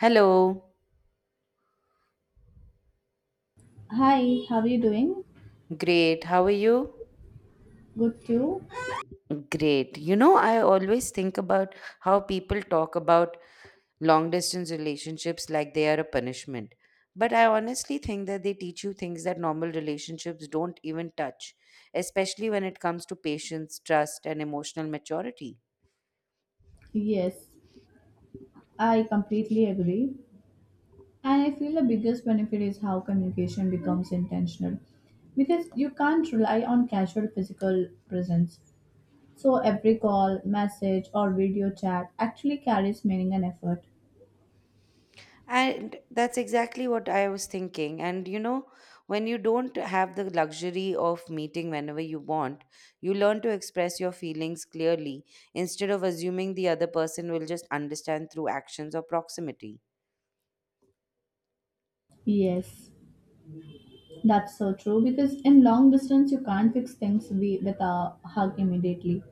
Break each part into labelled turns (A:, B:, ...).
A: Hello.
B: Hi, how are you doing?
A: Great. How are you?
B: Good too?
A: Great. You know, I always think about how people talk about long distance relationships like they are a punishment. But I honestly think that they teach you things that normal relationships don't even touch, especially when it comes to patience, trust, and emotional maturity.
B: Yes, I completely agree. And I feel the biggest benefit is how communication becomes intentional because you can't rely on casual physical presence. So every call, message, or video chat actually carries meaning and effort.
A: And that's exactly what I was thinking. And you know, when you don't have the luxury of meeting whenever you want, you learn to express your feelings clearly instead of assuming the other person will just understand through actions or proximity.
B: Yes, that's so true because in long distance you can't fix things with a hug immediately.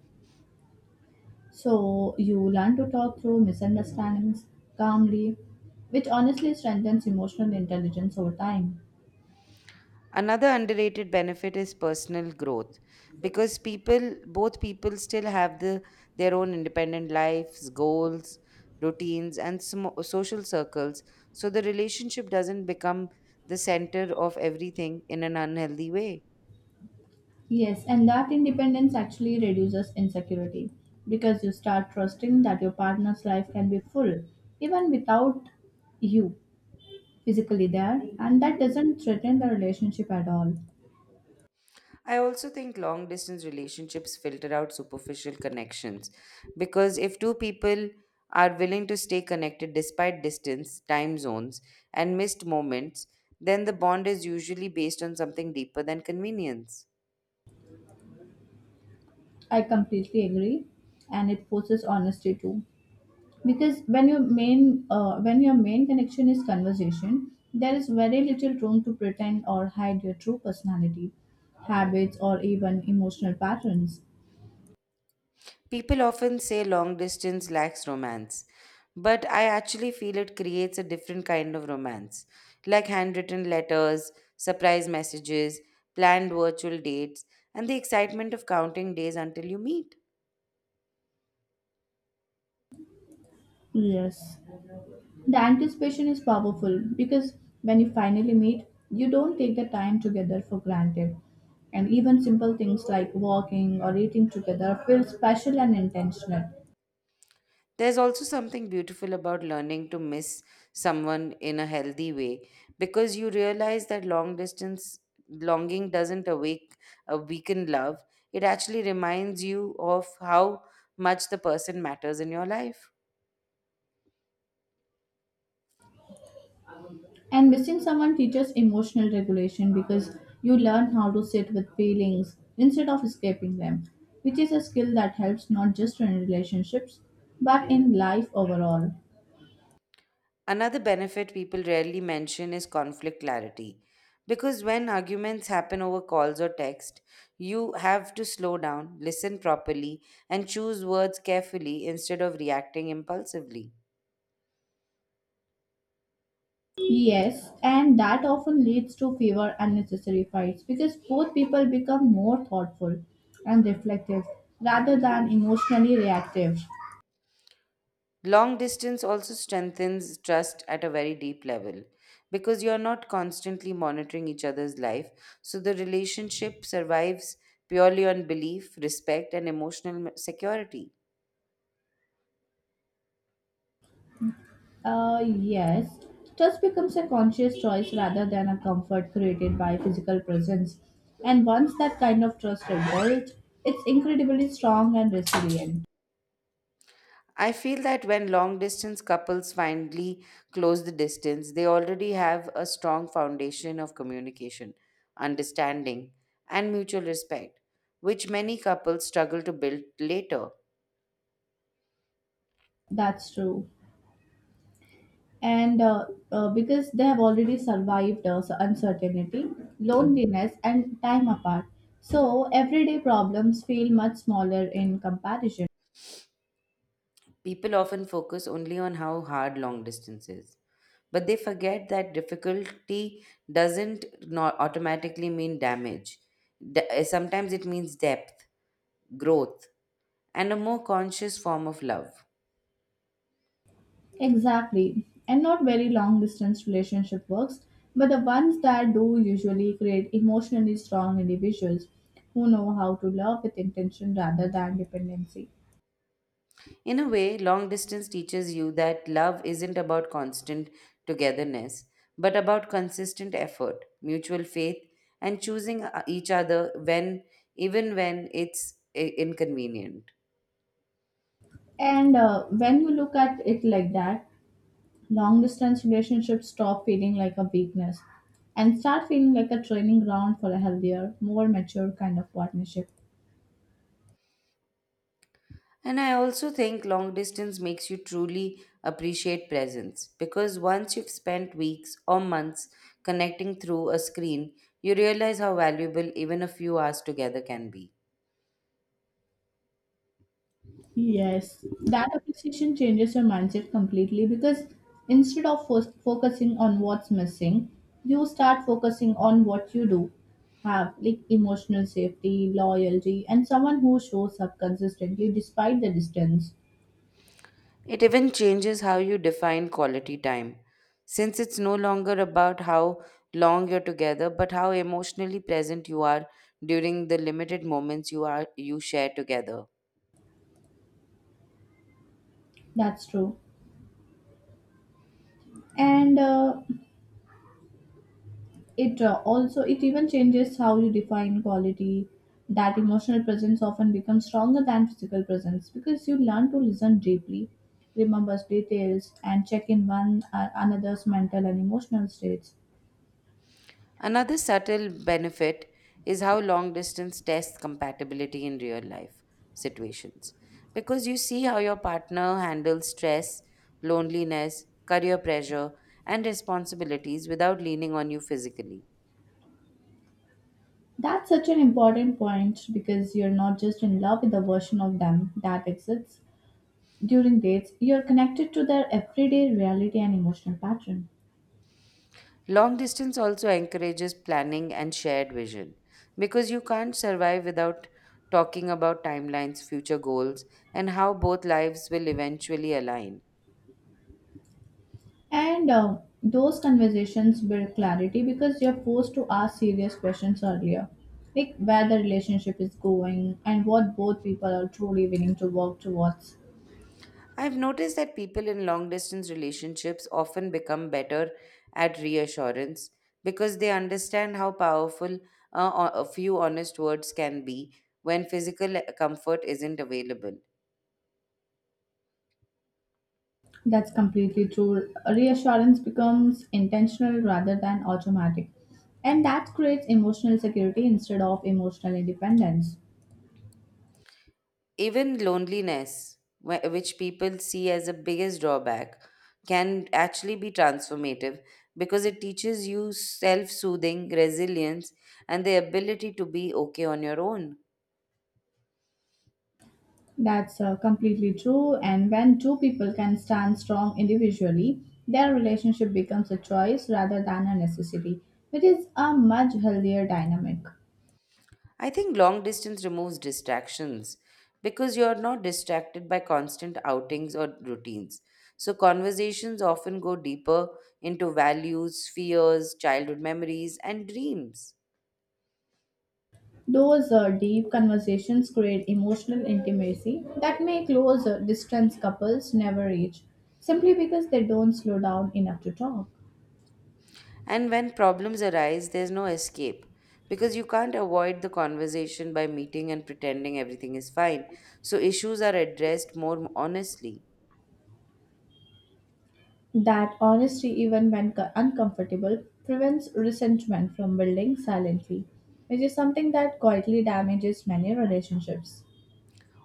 B: So you learn to talk through misunderstandings calmly, which honestly strengthens emotional intelligence over time.
A: Another underrated benefit is personal growth because people, both people still have their own independent lives, goals, routines, and smo social circles. So the relationship doesn't become the center of everything in an unhealthy way.
B: Yes, and that independence actually reduces insecurity because you start trusting that your partner's life can be full even without you physically there, and that doesn't threaten the relationship at all.
A: I also think long distance relationships filter out superficial connections because if two people are willing to stay connected despite distance, time zones, and missed moments, then the bond is usually based on something deeper than convenience.
B: I completely agree, and it forces honesty too because when your main connection is conversation there is very little room to pretend or hide your true personality habits or even emotional patterns.
A: People often say long distance lacks romance, but I actually feel it creates a different kind of romance, like handwritten letters, surprise messages, planned virtual dates, and the excitement of counting days until you meet.
B: Yes, the anticipation is powerful because when you finally meet you don't take the time together for granted, and even simple things like walking or eating together feel special and intentional.
A: There's also something beautiful about learning to miss someone in a healthy way because you realize that long distance longing doesn't awake a weaken love. It actually reminds you of how much the person matters in your life.
B: And missing someone teaches emotional regulation because you learn how to sit with feelings instead of escaping them, which is a skill that helps not just in relationships but in life overall.
A: Another benefit people rarely mention is conflict clarity. Because when arguments happen over calls or text, you have to slow down, listen properly, and choose words carefully instead of reacting impulsively.
B: Yes, and that often leads to fewer unnecessary fights because both people become more thoughtful and reflective rather than emotionally reactive.
A: Long distance also strengthens trust at a very deep level because you're not constantly monitoring each other's life. So the relationship survives purely on belief, respect, and emotional security.
B: Yes, touch becomes a conscious choice rather than a comfort created by physical presence. And once that kind of trust is built, it's incredibly strong and resilient.
A: I feel that when long distance couples finally close the distance, they already have a strong foundation of communication, understanding, and mutual respect, which many couples struggle to build later.
B: That's true. And because they have already survived so uncertainty, loneliness, and time apart. So everyday problems feel much smaller in comparison.
A: People often focus only on how hard long distance is, but they forget that difficulty doesn't not automatically mean damage. Sometimes it means depth, growth, and a more conscious form of love.
B: Exactly. And not very long distance relationship works, but the ones that do usually create emotionally strong individuals who know how to love with intention rather than dependency.
A: In a way, long distance teaches you that love isn't about constant togetherness, but about consistent effort, mutual faith, and choosing each other even when it's inconvenient.
B: And when you look at it like that, long distance relationships stop feeling like a weakness and start feeling like a training ground for a healthier, more mature kind of partnership.
A: And I also think long distance makes you truly appreciate presence because once you've spent weeks or months connecting through a screen, you realize how valuable even a few hours together can be.
B: Yes, that appreciation changes your mindset completely because instead of focusing on what's missing, you start focusing on what you do have, like emotional safety, loyalty, and someone who shows up consistently despite the distance.
A: It even changes how you define quality time, since it's no longer about how long you're together, but how emotionally present you are during the limited moments you share together.
B: That's true. And It also it even changes how you define quality. That emotional presence often becomes stronger than physical presence because you learn to listen deeply, remember details, and check in one another's mental and emotional states.
A: Another subtle benefit is how long distance tests compatibility in real life situations. Because you see how your partner handles stress, loneliness, career pressure, and responsibilities without leaning on you physically.
B: That's such an important point because you're not just in love with the version of them that exists during dates, you're connected to their everyday reality and emotional pattern.
A: Long distance also encourages planning and shared vision because you can't survive without talking about timelines, future goals, and how both lives will eventually align.
B: And Those conversations build clarity because you're forced to ask serious questions earlier, like where the relationship is going and what both people are truly willing to work towards.
A: I've noticed that people in long distance relationships often become better at reassurance because they understand how powerful a few honest words can be when physical comfort isn't available.
B: That's completely true. Reassurance becomes intentional rather than automatic, and that creates emotional security instead of emotional independence.
A: Even loneliness, which people see as the biggest drawback, can actually be transformative because it teaches you self soothing, resilience, and the ability to be okay on your own.
B: That's completely true. And when two people can stand strong individually, their relationship becomes a choice rather than a necessity, which is a much healthier dynamic.
A: I think long distance removes distractions because you're not distracted by constant outings or routines. So, conversations often go deeper into values, fears, childhood memories, and dreams.
B: Those deep conversations create emotional intimacy that may close distance couples never reach, simply because they don't slow down enough to talk.
A: And when problems arise, there's no escape because you can't avoid the conversation by meeting and pretending everything is fine. So, issues are addressed more honestly.
B: That honesty, even when uncomfortable, prevents resentment from building silently, which is something that quietly damages many relationships.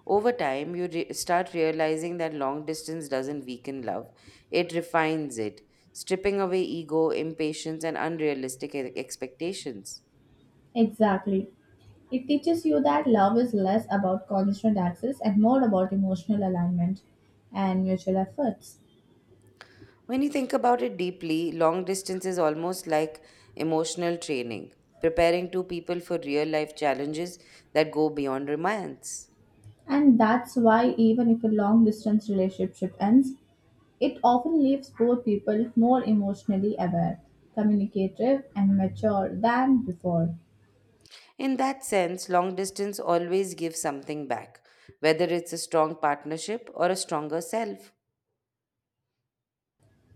A: Over time, you start realizing that long distance doesn't weaken love, it refines it, stripping away ego, impatience, and unrealistic expectations.
B: Exactly. It teaches you that love is less about constant access and more about emotional alignment and mutual efforts.
A: When you think about it deeply, long distance is almost like emotional training, preparing two people for real life challenges that go beyond romance.
B: And that's why, even if a long distance relationship ends, it often leaves both people more emotionally aware, communicative, and mature than before.
A: In that sense, long distance always gives something back, whether it's a strong partnership or a stronger self.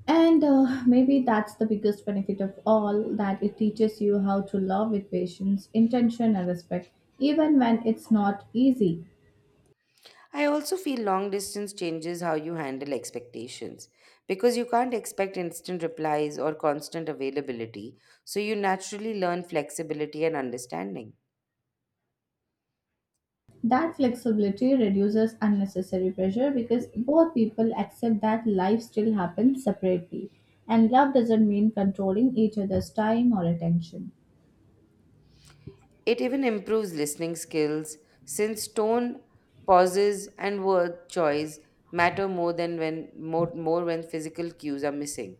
B: And maybe that's the biggest benefit of all, that it teaches you how to love with patience, intention, and respect, even when it's not easy.
A: I also feel long distance changes how you handle expectations because you can't expect instant replies or constant availability, so you naturally learn flexibility and understanding.
B: That flexibility reduces unnecessary pressure because both people accept that life still happens separately, and love doesn't mean controlling each other's time or attention.
A: It even improves listening skills since tone, pauses, and word choice matter more than more when physical cues are missing.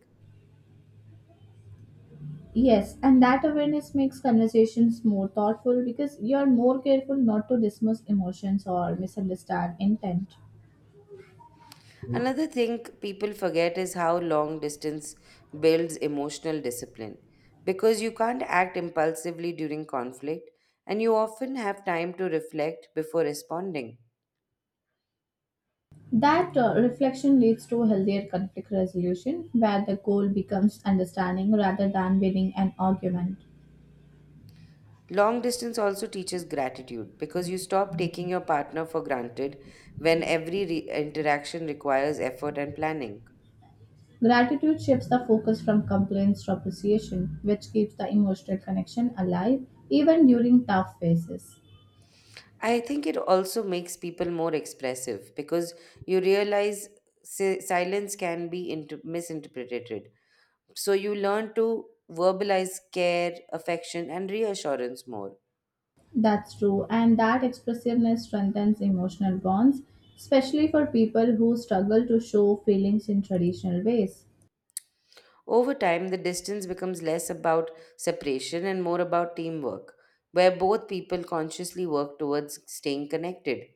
B: Yes, and that awareness makes conversations more thoughtful because you're more careful not to dismiss emotions or misunderstand intent.
A: Another thing people forget is how long distance builds emotional discipline because you can't act impulsively during conflict and you often have time to reflect before responding.
B: That reflection leads to healthier conflict resolution where the goal becomes understanding rather than winning an argument.
A: Long distance also teaches gratitude because you stop taking your partner for granted when every interaction requires effort and planning.
B: Gratitude shifts the focus from complaints to appreciation, which keeps the emotional connection alive even during tough phases.
A: I think it also makes people more expressive because you realize silence can be misinterpreted. So you learn to verbalize care, affection, and reassurance more.
B: That's true, and that expressiveness strengthens emotional bonds, especially for people who struggle to show feelings in traditional ways.
A: Over time, the distance becomes less about separation and more about teamwork, where both people consciously work towards staying connected.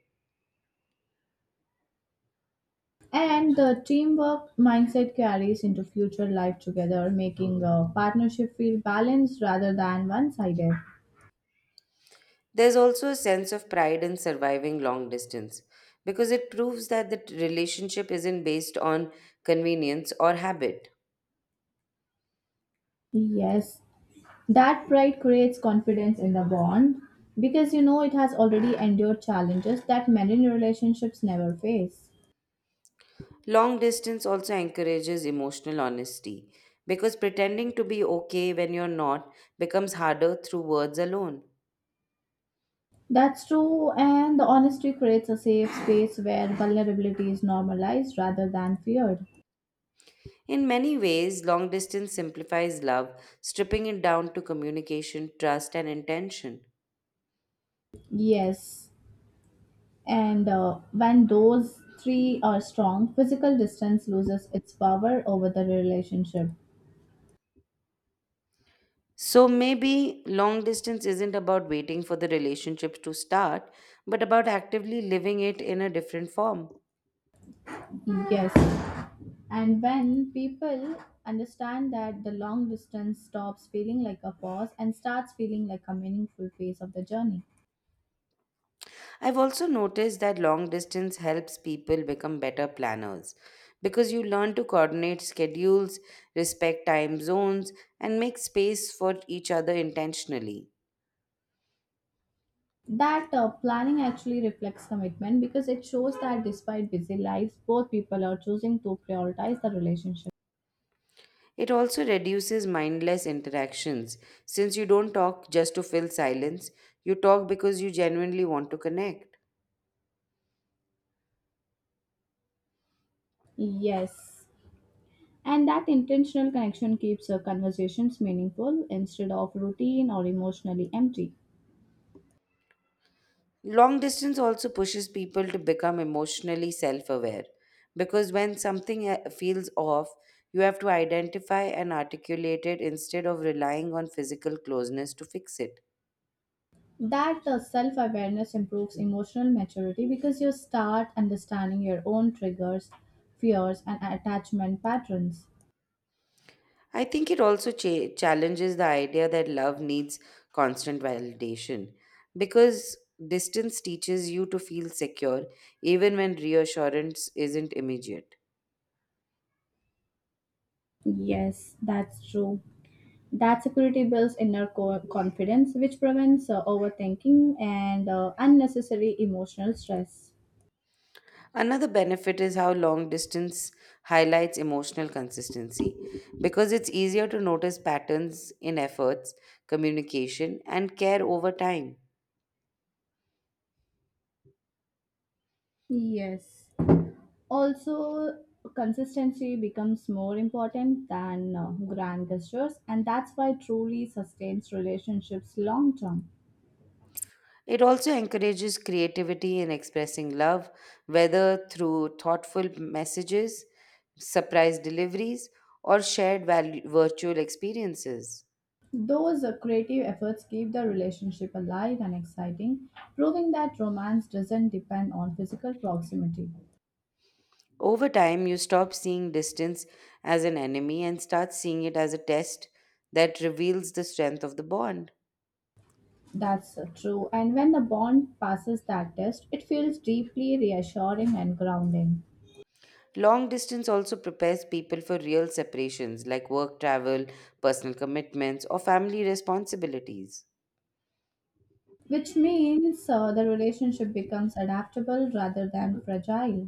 B: And the teamwork mindset carries into future life together, making a partnership feel balanced rather than one sided.
A: There's also a sense of pride in surviving long distance because it proves that the relationship isn't based on convenience or habit.
B: Yes, that pride creates confidence in the bond because you know it has already endured challenges that many relationships never face.
A: Long distance also encourages emotional honesty because pretending to be okay when you're not becomes harder through words alone.
B: That's true, and the honesty creates a safe space where vulnerability is normalized rather than feared.
A: In many ways, long distance simplifies love, stripping it down to communication, trust, and intention.
B: Yes, and when those three are strong, physical distance loses its power over the relationship.
A: So maybe long distance isn't about waiting for the relationship to start, but about actively living it in a different form.
B: Yes. And when people understand that, the long distance stops feeling like a pause and starts feeling like a meaningful phase of the journey.
A: I've also noticed that long distance helps people become better planners because you learn to coordinate schedules, respect time zones, and make space for each other intentionally.
B: That planning actually reflects commitment because it shows that despite busy lives, both people are choosing to prioritize the relationship.
A: It also reduces mindless interactions since you don't talk just to fill silence, you talk because you genuinely want to connect.
B: Yes. And that intentional connection keeps conversations meaningful instead of routine or emotionally empty.
A: Long distance also pushes people to become emotionally self aware because when something feels off, you have to identify and articulate it instead of relying on physical closeness to fix it.
B: That self awareness improves emotional maturity because you start understanding your own triggers, fears, and attachment patterns.
A: I think it also challenges the idea that love needs constant validation because distance teaches you to feel secure even when reassurance isn't immediate.
B: Yes, that's true. That security builds inner confidence, which prevents overthinking and unnecessary emotional stress.
A: Another benefit is how long distance highlights emotional consistency because it's easier to notice patterns in efforts, communication, and care over time.
B: Yes. Also, consistency becomes more important than grand gestures, and that's why truly sustains relationships long term.
A: It also encourages creativity in expressing love, whether through thoughtful messages, surprise deliveries, or virtual experiences.
B: Those creative efforts keep the relationship alive and exciting, proving that romance doesn't depend on physical proximity.
A: Over time, you stop seeing distance as an enemy and start seeing it as a test that reveals the strength of the bond.
B: That's true, and when the bond passes that test, it feels deeply reassuring and grounding,
A: Long distance also prepares people for real separations like work travel, personal commitments, or family responsibilities.
B: which means the relationship becomes adaptable rather than fragile.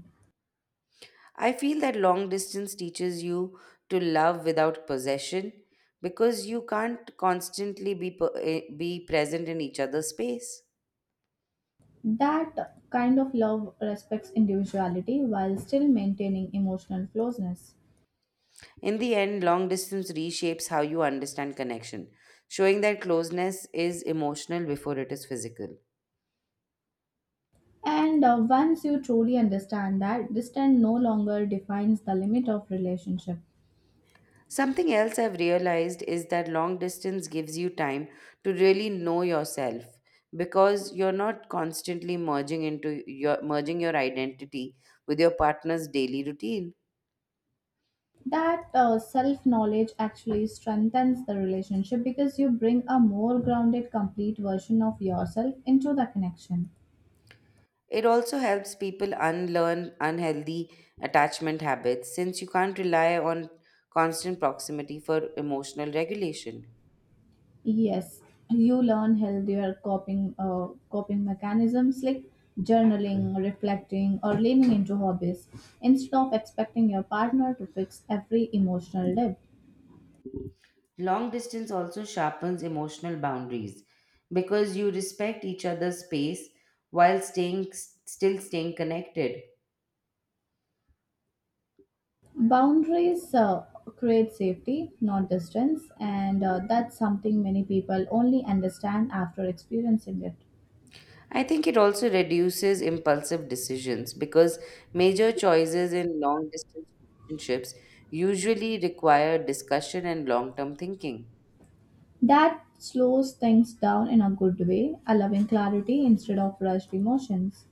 A: I feel that long distance teaches you to love without possession because you can't constantly be present in each other's space.
B: That kind of love respects individuality while still maintaining emotional closeness.
A: In the end, long distance reshapes how you understand connection, showing that closeness is emotional before it is physical.
B: And once you truly understand that, distance no longer defines the limit of relationship.
A: Something else I've realized is that long distance gives you time to really know yourself because you're not constantly merging your identity with your partner's daily routine.
B: That self knowledge actually strengthens the relationship because you bring a more grounded, complete version of yourself into the connection.
A: It also helps people unlearn unhealthy attachment habits since you can't rely on constant proximity for emotional regulation.
B: Yes, you learn healthier coping mechanisms like journaling, reflecting, or leaning into hobbies instead of expecting your partner to fix every emotional dip.
A: Long distance also sharpens emotional boundaries because you respect each other's space while staying still staying connected.
B: Boundaries create safety, not distance, and that's something many people only understand after experiencing it.
A: I think it also reduces impulsive decisions because major choices in long distance relationships usually require discussion and long term thinking.
B: That slows things down in a good way, allowing clarity instead of rushed emotions.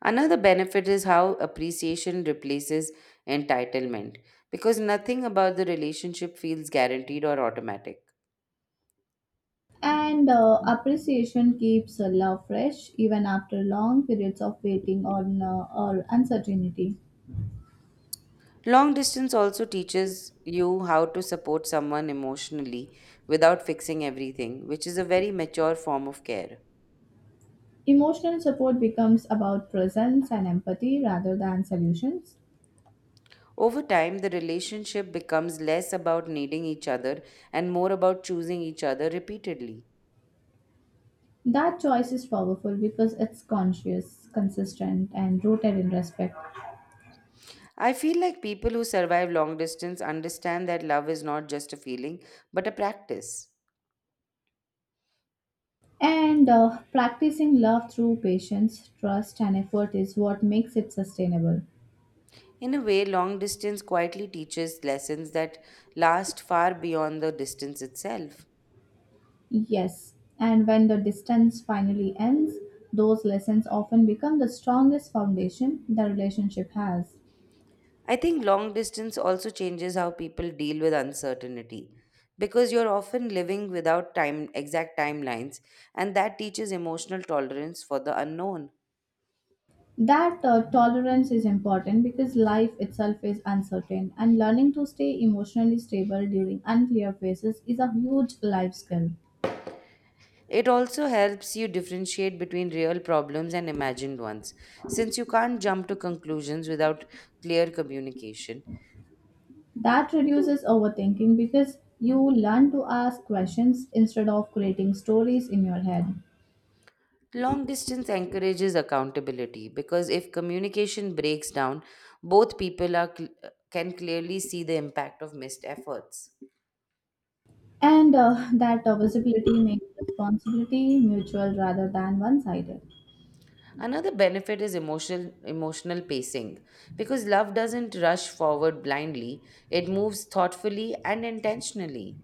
A: Another benefit is how appreciation replaces entitlement because nothing about the relationship feels guaranteed or automatic.
B: And appreciation keeps love fresh even after long periods of waiting or uncertainty.
A: Long distance also teaches you how to support someone emotionally without fixing everything, which is a very mature form of care.
B: Emotional support becomes about presence and empathy rather than solutions.
A: Over time, the relationship becomes less about needing each other and more about choosing each other repeatedly.
B: That choice is powerful because it's conscious, consistent, and rooted in respect.
A: I feel like people who survive long distance understand that love is not just a feeling, but a practice.
B: And practicing love through patience, trust, and effort is what makes it sustainable.
A: In a way, long distance quietly teaches lessons that last far beyond the distance itself.
B: Yes, and when the distance finally ends, those lessons often become the strongest foundation the relationship has.
A: I think long distance also changes how people deal with uncertainty because you're often living without time exact timelines and that teaches emotional tolerance for the unknown.
B: That tolerance is important because life itself is uncertain, and learning to stay emotionally stable during unclear phases is a huge life skill.
A: It also helps you differentiate between real problems and imagined ones since you can't jump to conclusions without clear communication.
B: That reduces overthinking because you learn to ask questions instead of creating stories in your head.
A: Long distance encourages accountability because if communication breaks down, both people can clearly see the impact of missed efforts.
B: And that visibility makes responsibility mutual rather than one sided.
A: Another benefit is emotional pacing because love doesn't rush forward blindly, it moves thoughtfully and intentionally.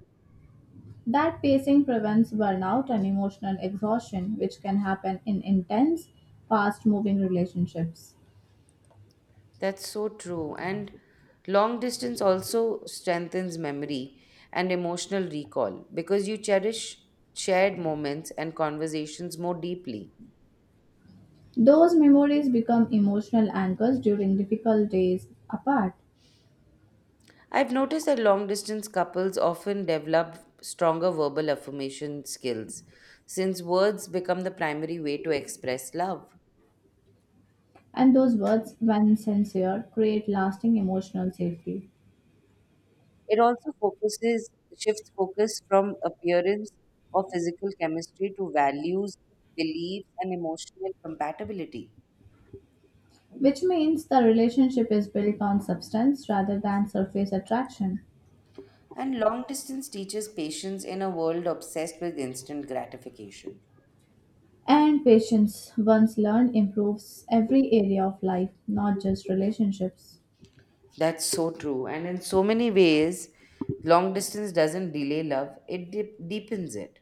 B: That pacing prevents burnout and emotional exhaustion, which can happen in intense, fast moving relationships.
A: That's so true, and long distance also strengthens memory and emotional recall because you cherish shared moments and conversations more deeply.
B: Those memories become emotional anchors during difficult days apart,
A: I've noticed that long distance couples often develop stronger verbal affirmation skills since words become the primary way to express love.
B: and those words, when sincere, create lasting emotional safety,
A: It also focuses shifts focus from appearance or physical chemistry to values, beliefs, and emotional compatibility.
B: which means the relationship is built on substance rather than surface attraction.
A: And long distance teaches patience in a world obsessed with instant gratification.
B: And patience, once learned, improves every area of life, not just relationships.
A: That's so true. And in so many ways, long distance doesn't delay love, it deepens it.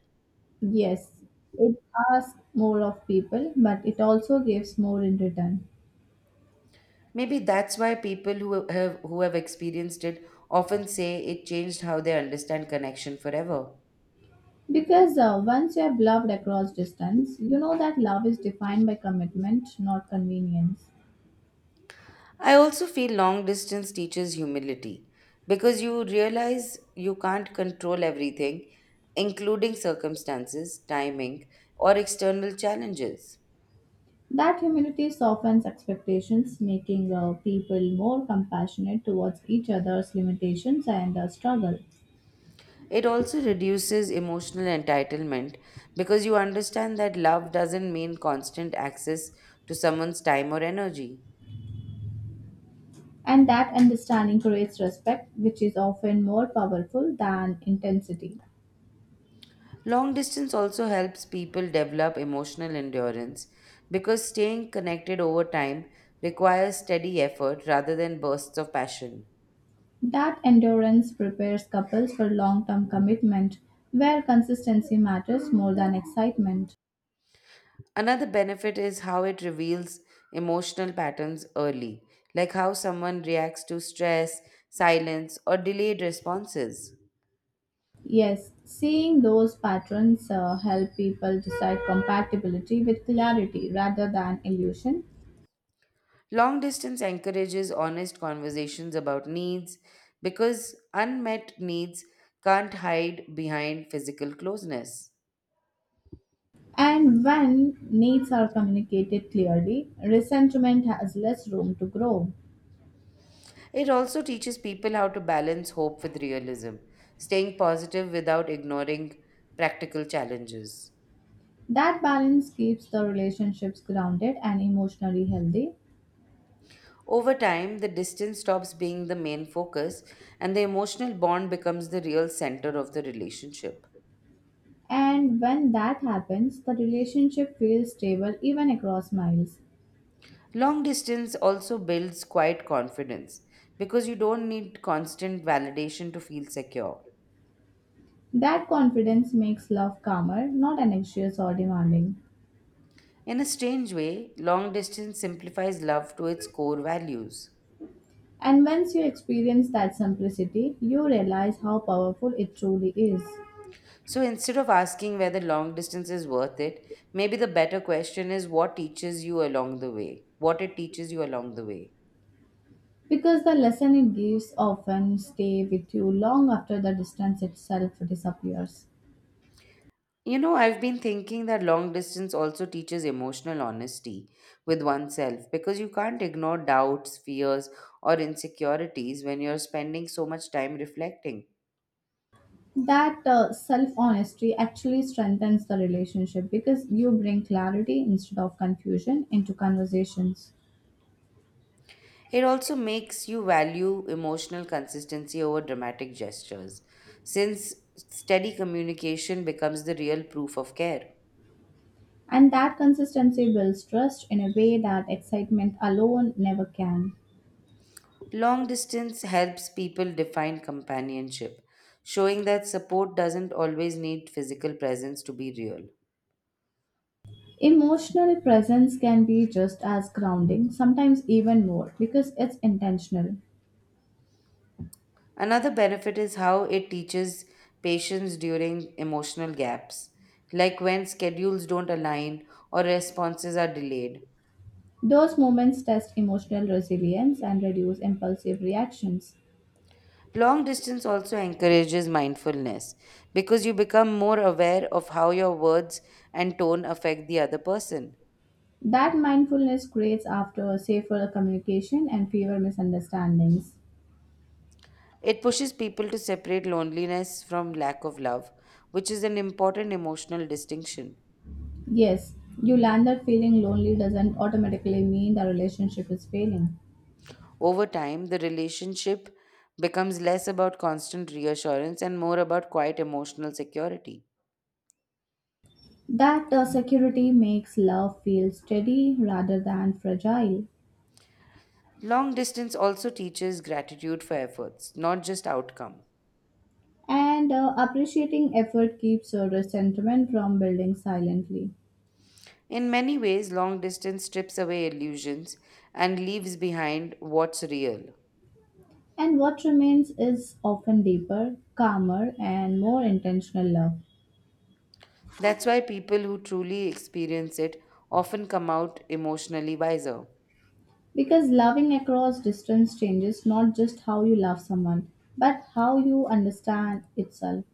B: Yes, it asks more of people, but it also gives more in return.
A: Maybe that's why people who have experienced it often say it changed how they understand connection forever.
B: Because once you have loved across distance, you know that love is defined by commitment, not convenience.
A: I also feel long distance teaches humility because you realize you can't control everything, including circumstances, timing, or external challenges.
B: That humility softens expectations, making people more compassionate towards each other's limitations and struggle.
A: It also reduces emotional entitlement because you understand that love doesn't mean constant access to someone's time or energy.
B: And that understanding creates respect, which is often more powerful than intensity.
A: Long distance also helps people develop emotional endurance because staying connected over time requires steady effort rather than bursts of passion.
B: That endurance prepares couples for long term commitment, where consistency matters more than excitement.
A: Another benefit is how it reveals emotional patterns early, like how someone reacts to stress, silence, or delayed responses.
B: Yes, seeing those patterns help people decide compatibility with clarity rather than illusion.
A: Long distance encourages honest conversations about needs because unmet needs can't hide behind physical closeness.
B: And when needs are communicated clearly, resentment has less room to grow.
A: It also teaches people how to balance hope with realism, staying positive without ignoring practical challenges.
B: That balance keeps the relationships grounded and emotionally healthy.
A: Over time, the distance stops being the main focus and the emotional bond becomes the real center of the relationship.
B: And when that happens, the relationship feels stable even across miles.
A: Long distance also builds quiet confidence because you don't need constant validation to feel secure.
B: That confidence makes love calmer, not anxious or demanding.
A: In a strange way, long distance simplifies love to its core values.
B: And once you experience that simplicity, you realize how powerful it truly is.
A: So instead of asking whether long distance is worth it, maybe the better question is what teaches you along the way, what it teaches you along the way.
B: Because the lesson it gives often stay with you long after the distance itself disappears.
A: You know, I've been thinking that long distance also teaches emotional honesty with oneself because you can't ignore doubts, fears, or insecurities when you're spending so much time reflecting.
B: That self honesty actually strengthens the relationship because you bring clarity instead of confusion into conversations.
A: It also makes you value emotional consistency over dramatic gestures, since steady communication becomes the real proof of care.
B: And that consistency builds trust in a way that excitement alone never can.
A: Long distance helps people define companionship, showing that support doesn't always need physical presence to be real.
B: Emotional presence can be just as grounding, sometimes even more, because it's intentional.
A: Another benefit is how it teaches patience during emotional gaps, like when schedules don't align or responses are delayed.
B: Those moments test emotional resilience and reduce impulsive reactions.
A: Long distance also encourages mindfulness because you become more aware of how your words and tone affect the other person.
B: That mindfulness creates after safer communication and fewer misunderstandings.
A: It pushes people to separate loneliness from lack of love, which is an important emotional distinction.
B: Yes, you learn that feeling lonely doesn't automatically mean the relationship is failing.
A: Over time, the relationship becomes less about constant reassurance and more about quiet emotional security.
B: That security makes love feel steady rather than fragile.
A: Long distance also teaches gratitude for efforts, not just outcome.
B: And appreciating effort keeps your resentment from building silently.
A: In many ways, long distance strips away illusions and leaves behind what's real.
B: And what remains is often deeper, calmer, and more intentional love.
A: That's why people who truly experience it often come out emotionally wiser.
B: Because loving across distance changes not just how you love someone, but how you understand itself.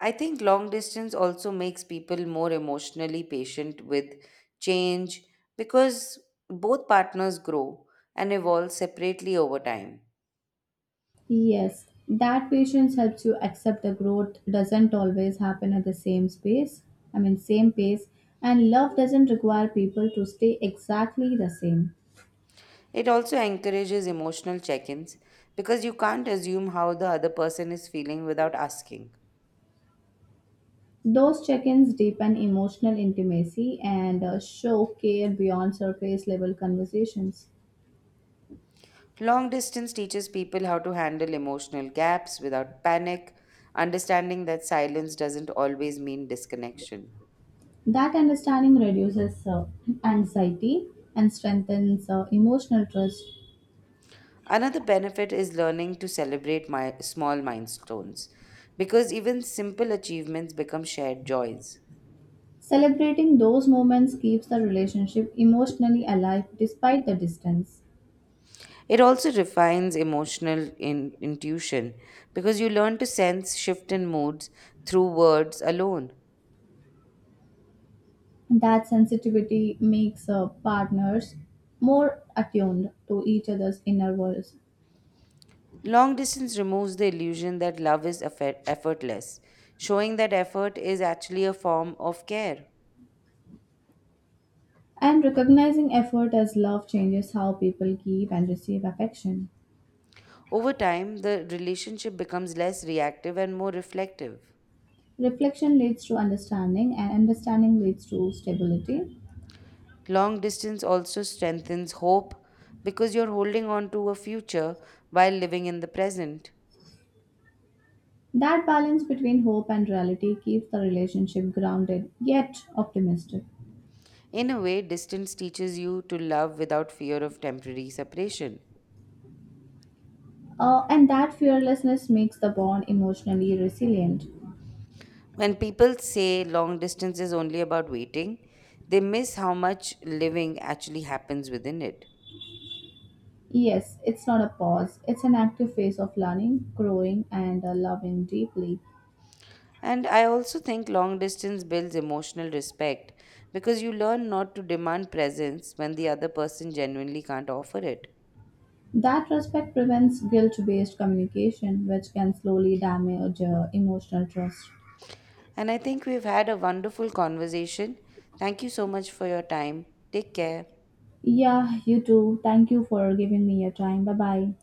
A: I think long distance also makes people more emotionally patient with change because both partners grow and evolve separately over time.
B: Yes, that patience helps you accept the growth doesn't always happen at the same same pace, and love doesn't require people to stay exactly the same.
A: It also encourages emotional check ins because you can't assume how the other person is feeling without asking.
B: Those check ins deepen emotional intimacy and show care beyond surface level conversations.
A: Long distance teaches people how to handle emotional gaps without panic, understanding that silence doesn't always mean disconnection.
B: That understanding reduces anxiety and strengthens emotional trust.
A: Another benefit is learning to celebrate my small milestones because even simple achievements become shared joys.
B: Celebrating those moments keeps the relationship emotionally alive despite the distance.
A: It also refines emotional intuition because you learn to sense shift in moods through words alone.
B: That sensitivity makes partners more attuned to each other's inner worlds.
A: Long distance removes the illusion that love is effortless, showing that effort is actually a form of care.
B: And recognizing effort as love changes how people give and receive affection.
A: Over time, the relationship becomes less reactive and more reflective.
B: Reflection leads to understanding, and understanding leads to stability.
A: Long distance also strengthens hope because you're holding on to a future while living in the present.
B: That balance between hope and reality keeps the relationship grounded yet optimistic.
A: In a way, distance teaches you to love without fear of temporary separation.
B: And that fearlessness makes the bond emotionally resilient.
A: When people say long distance is only about waiting, they miss how much living actually happens within it.
B: Yes, it's not a pause, it's an active phase of learning, growing, and loving deeply.
A: And I also think long distance builds emotional respect because you learn not to demand presence when the other person genuinely can't offer it.
B: That respect prevents guilt based communication, which can slowly damage emotional trust.
A: And I think we've had a wonderful conversation. Thank you so much for your time. Take care.
B: Yeah, you too. Thank you for giving me your time. Bye bye.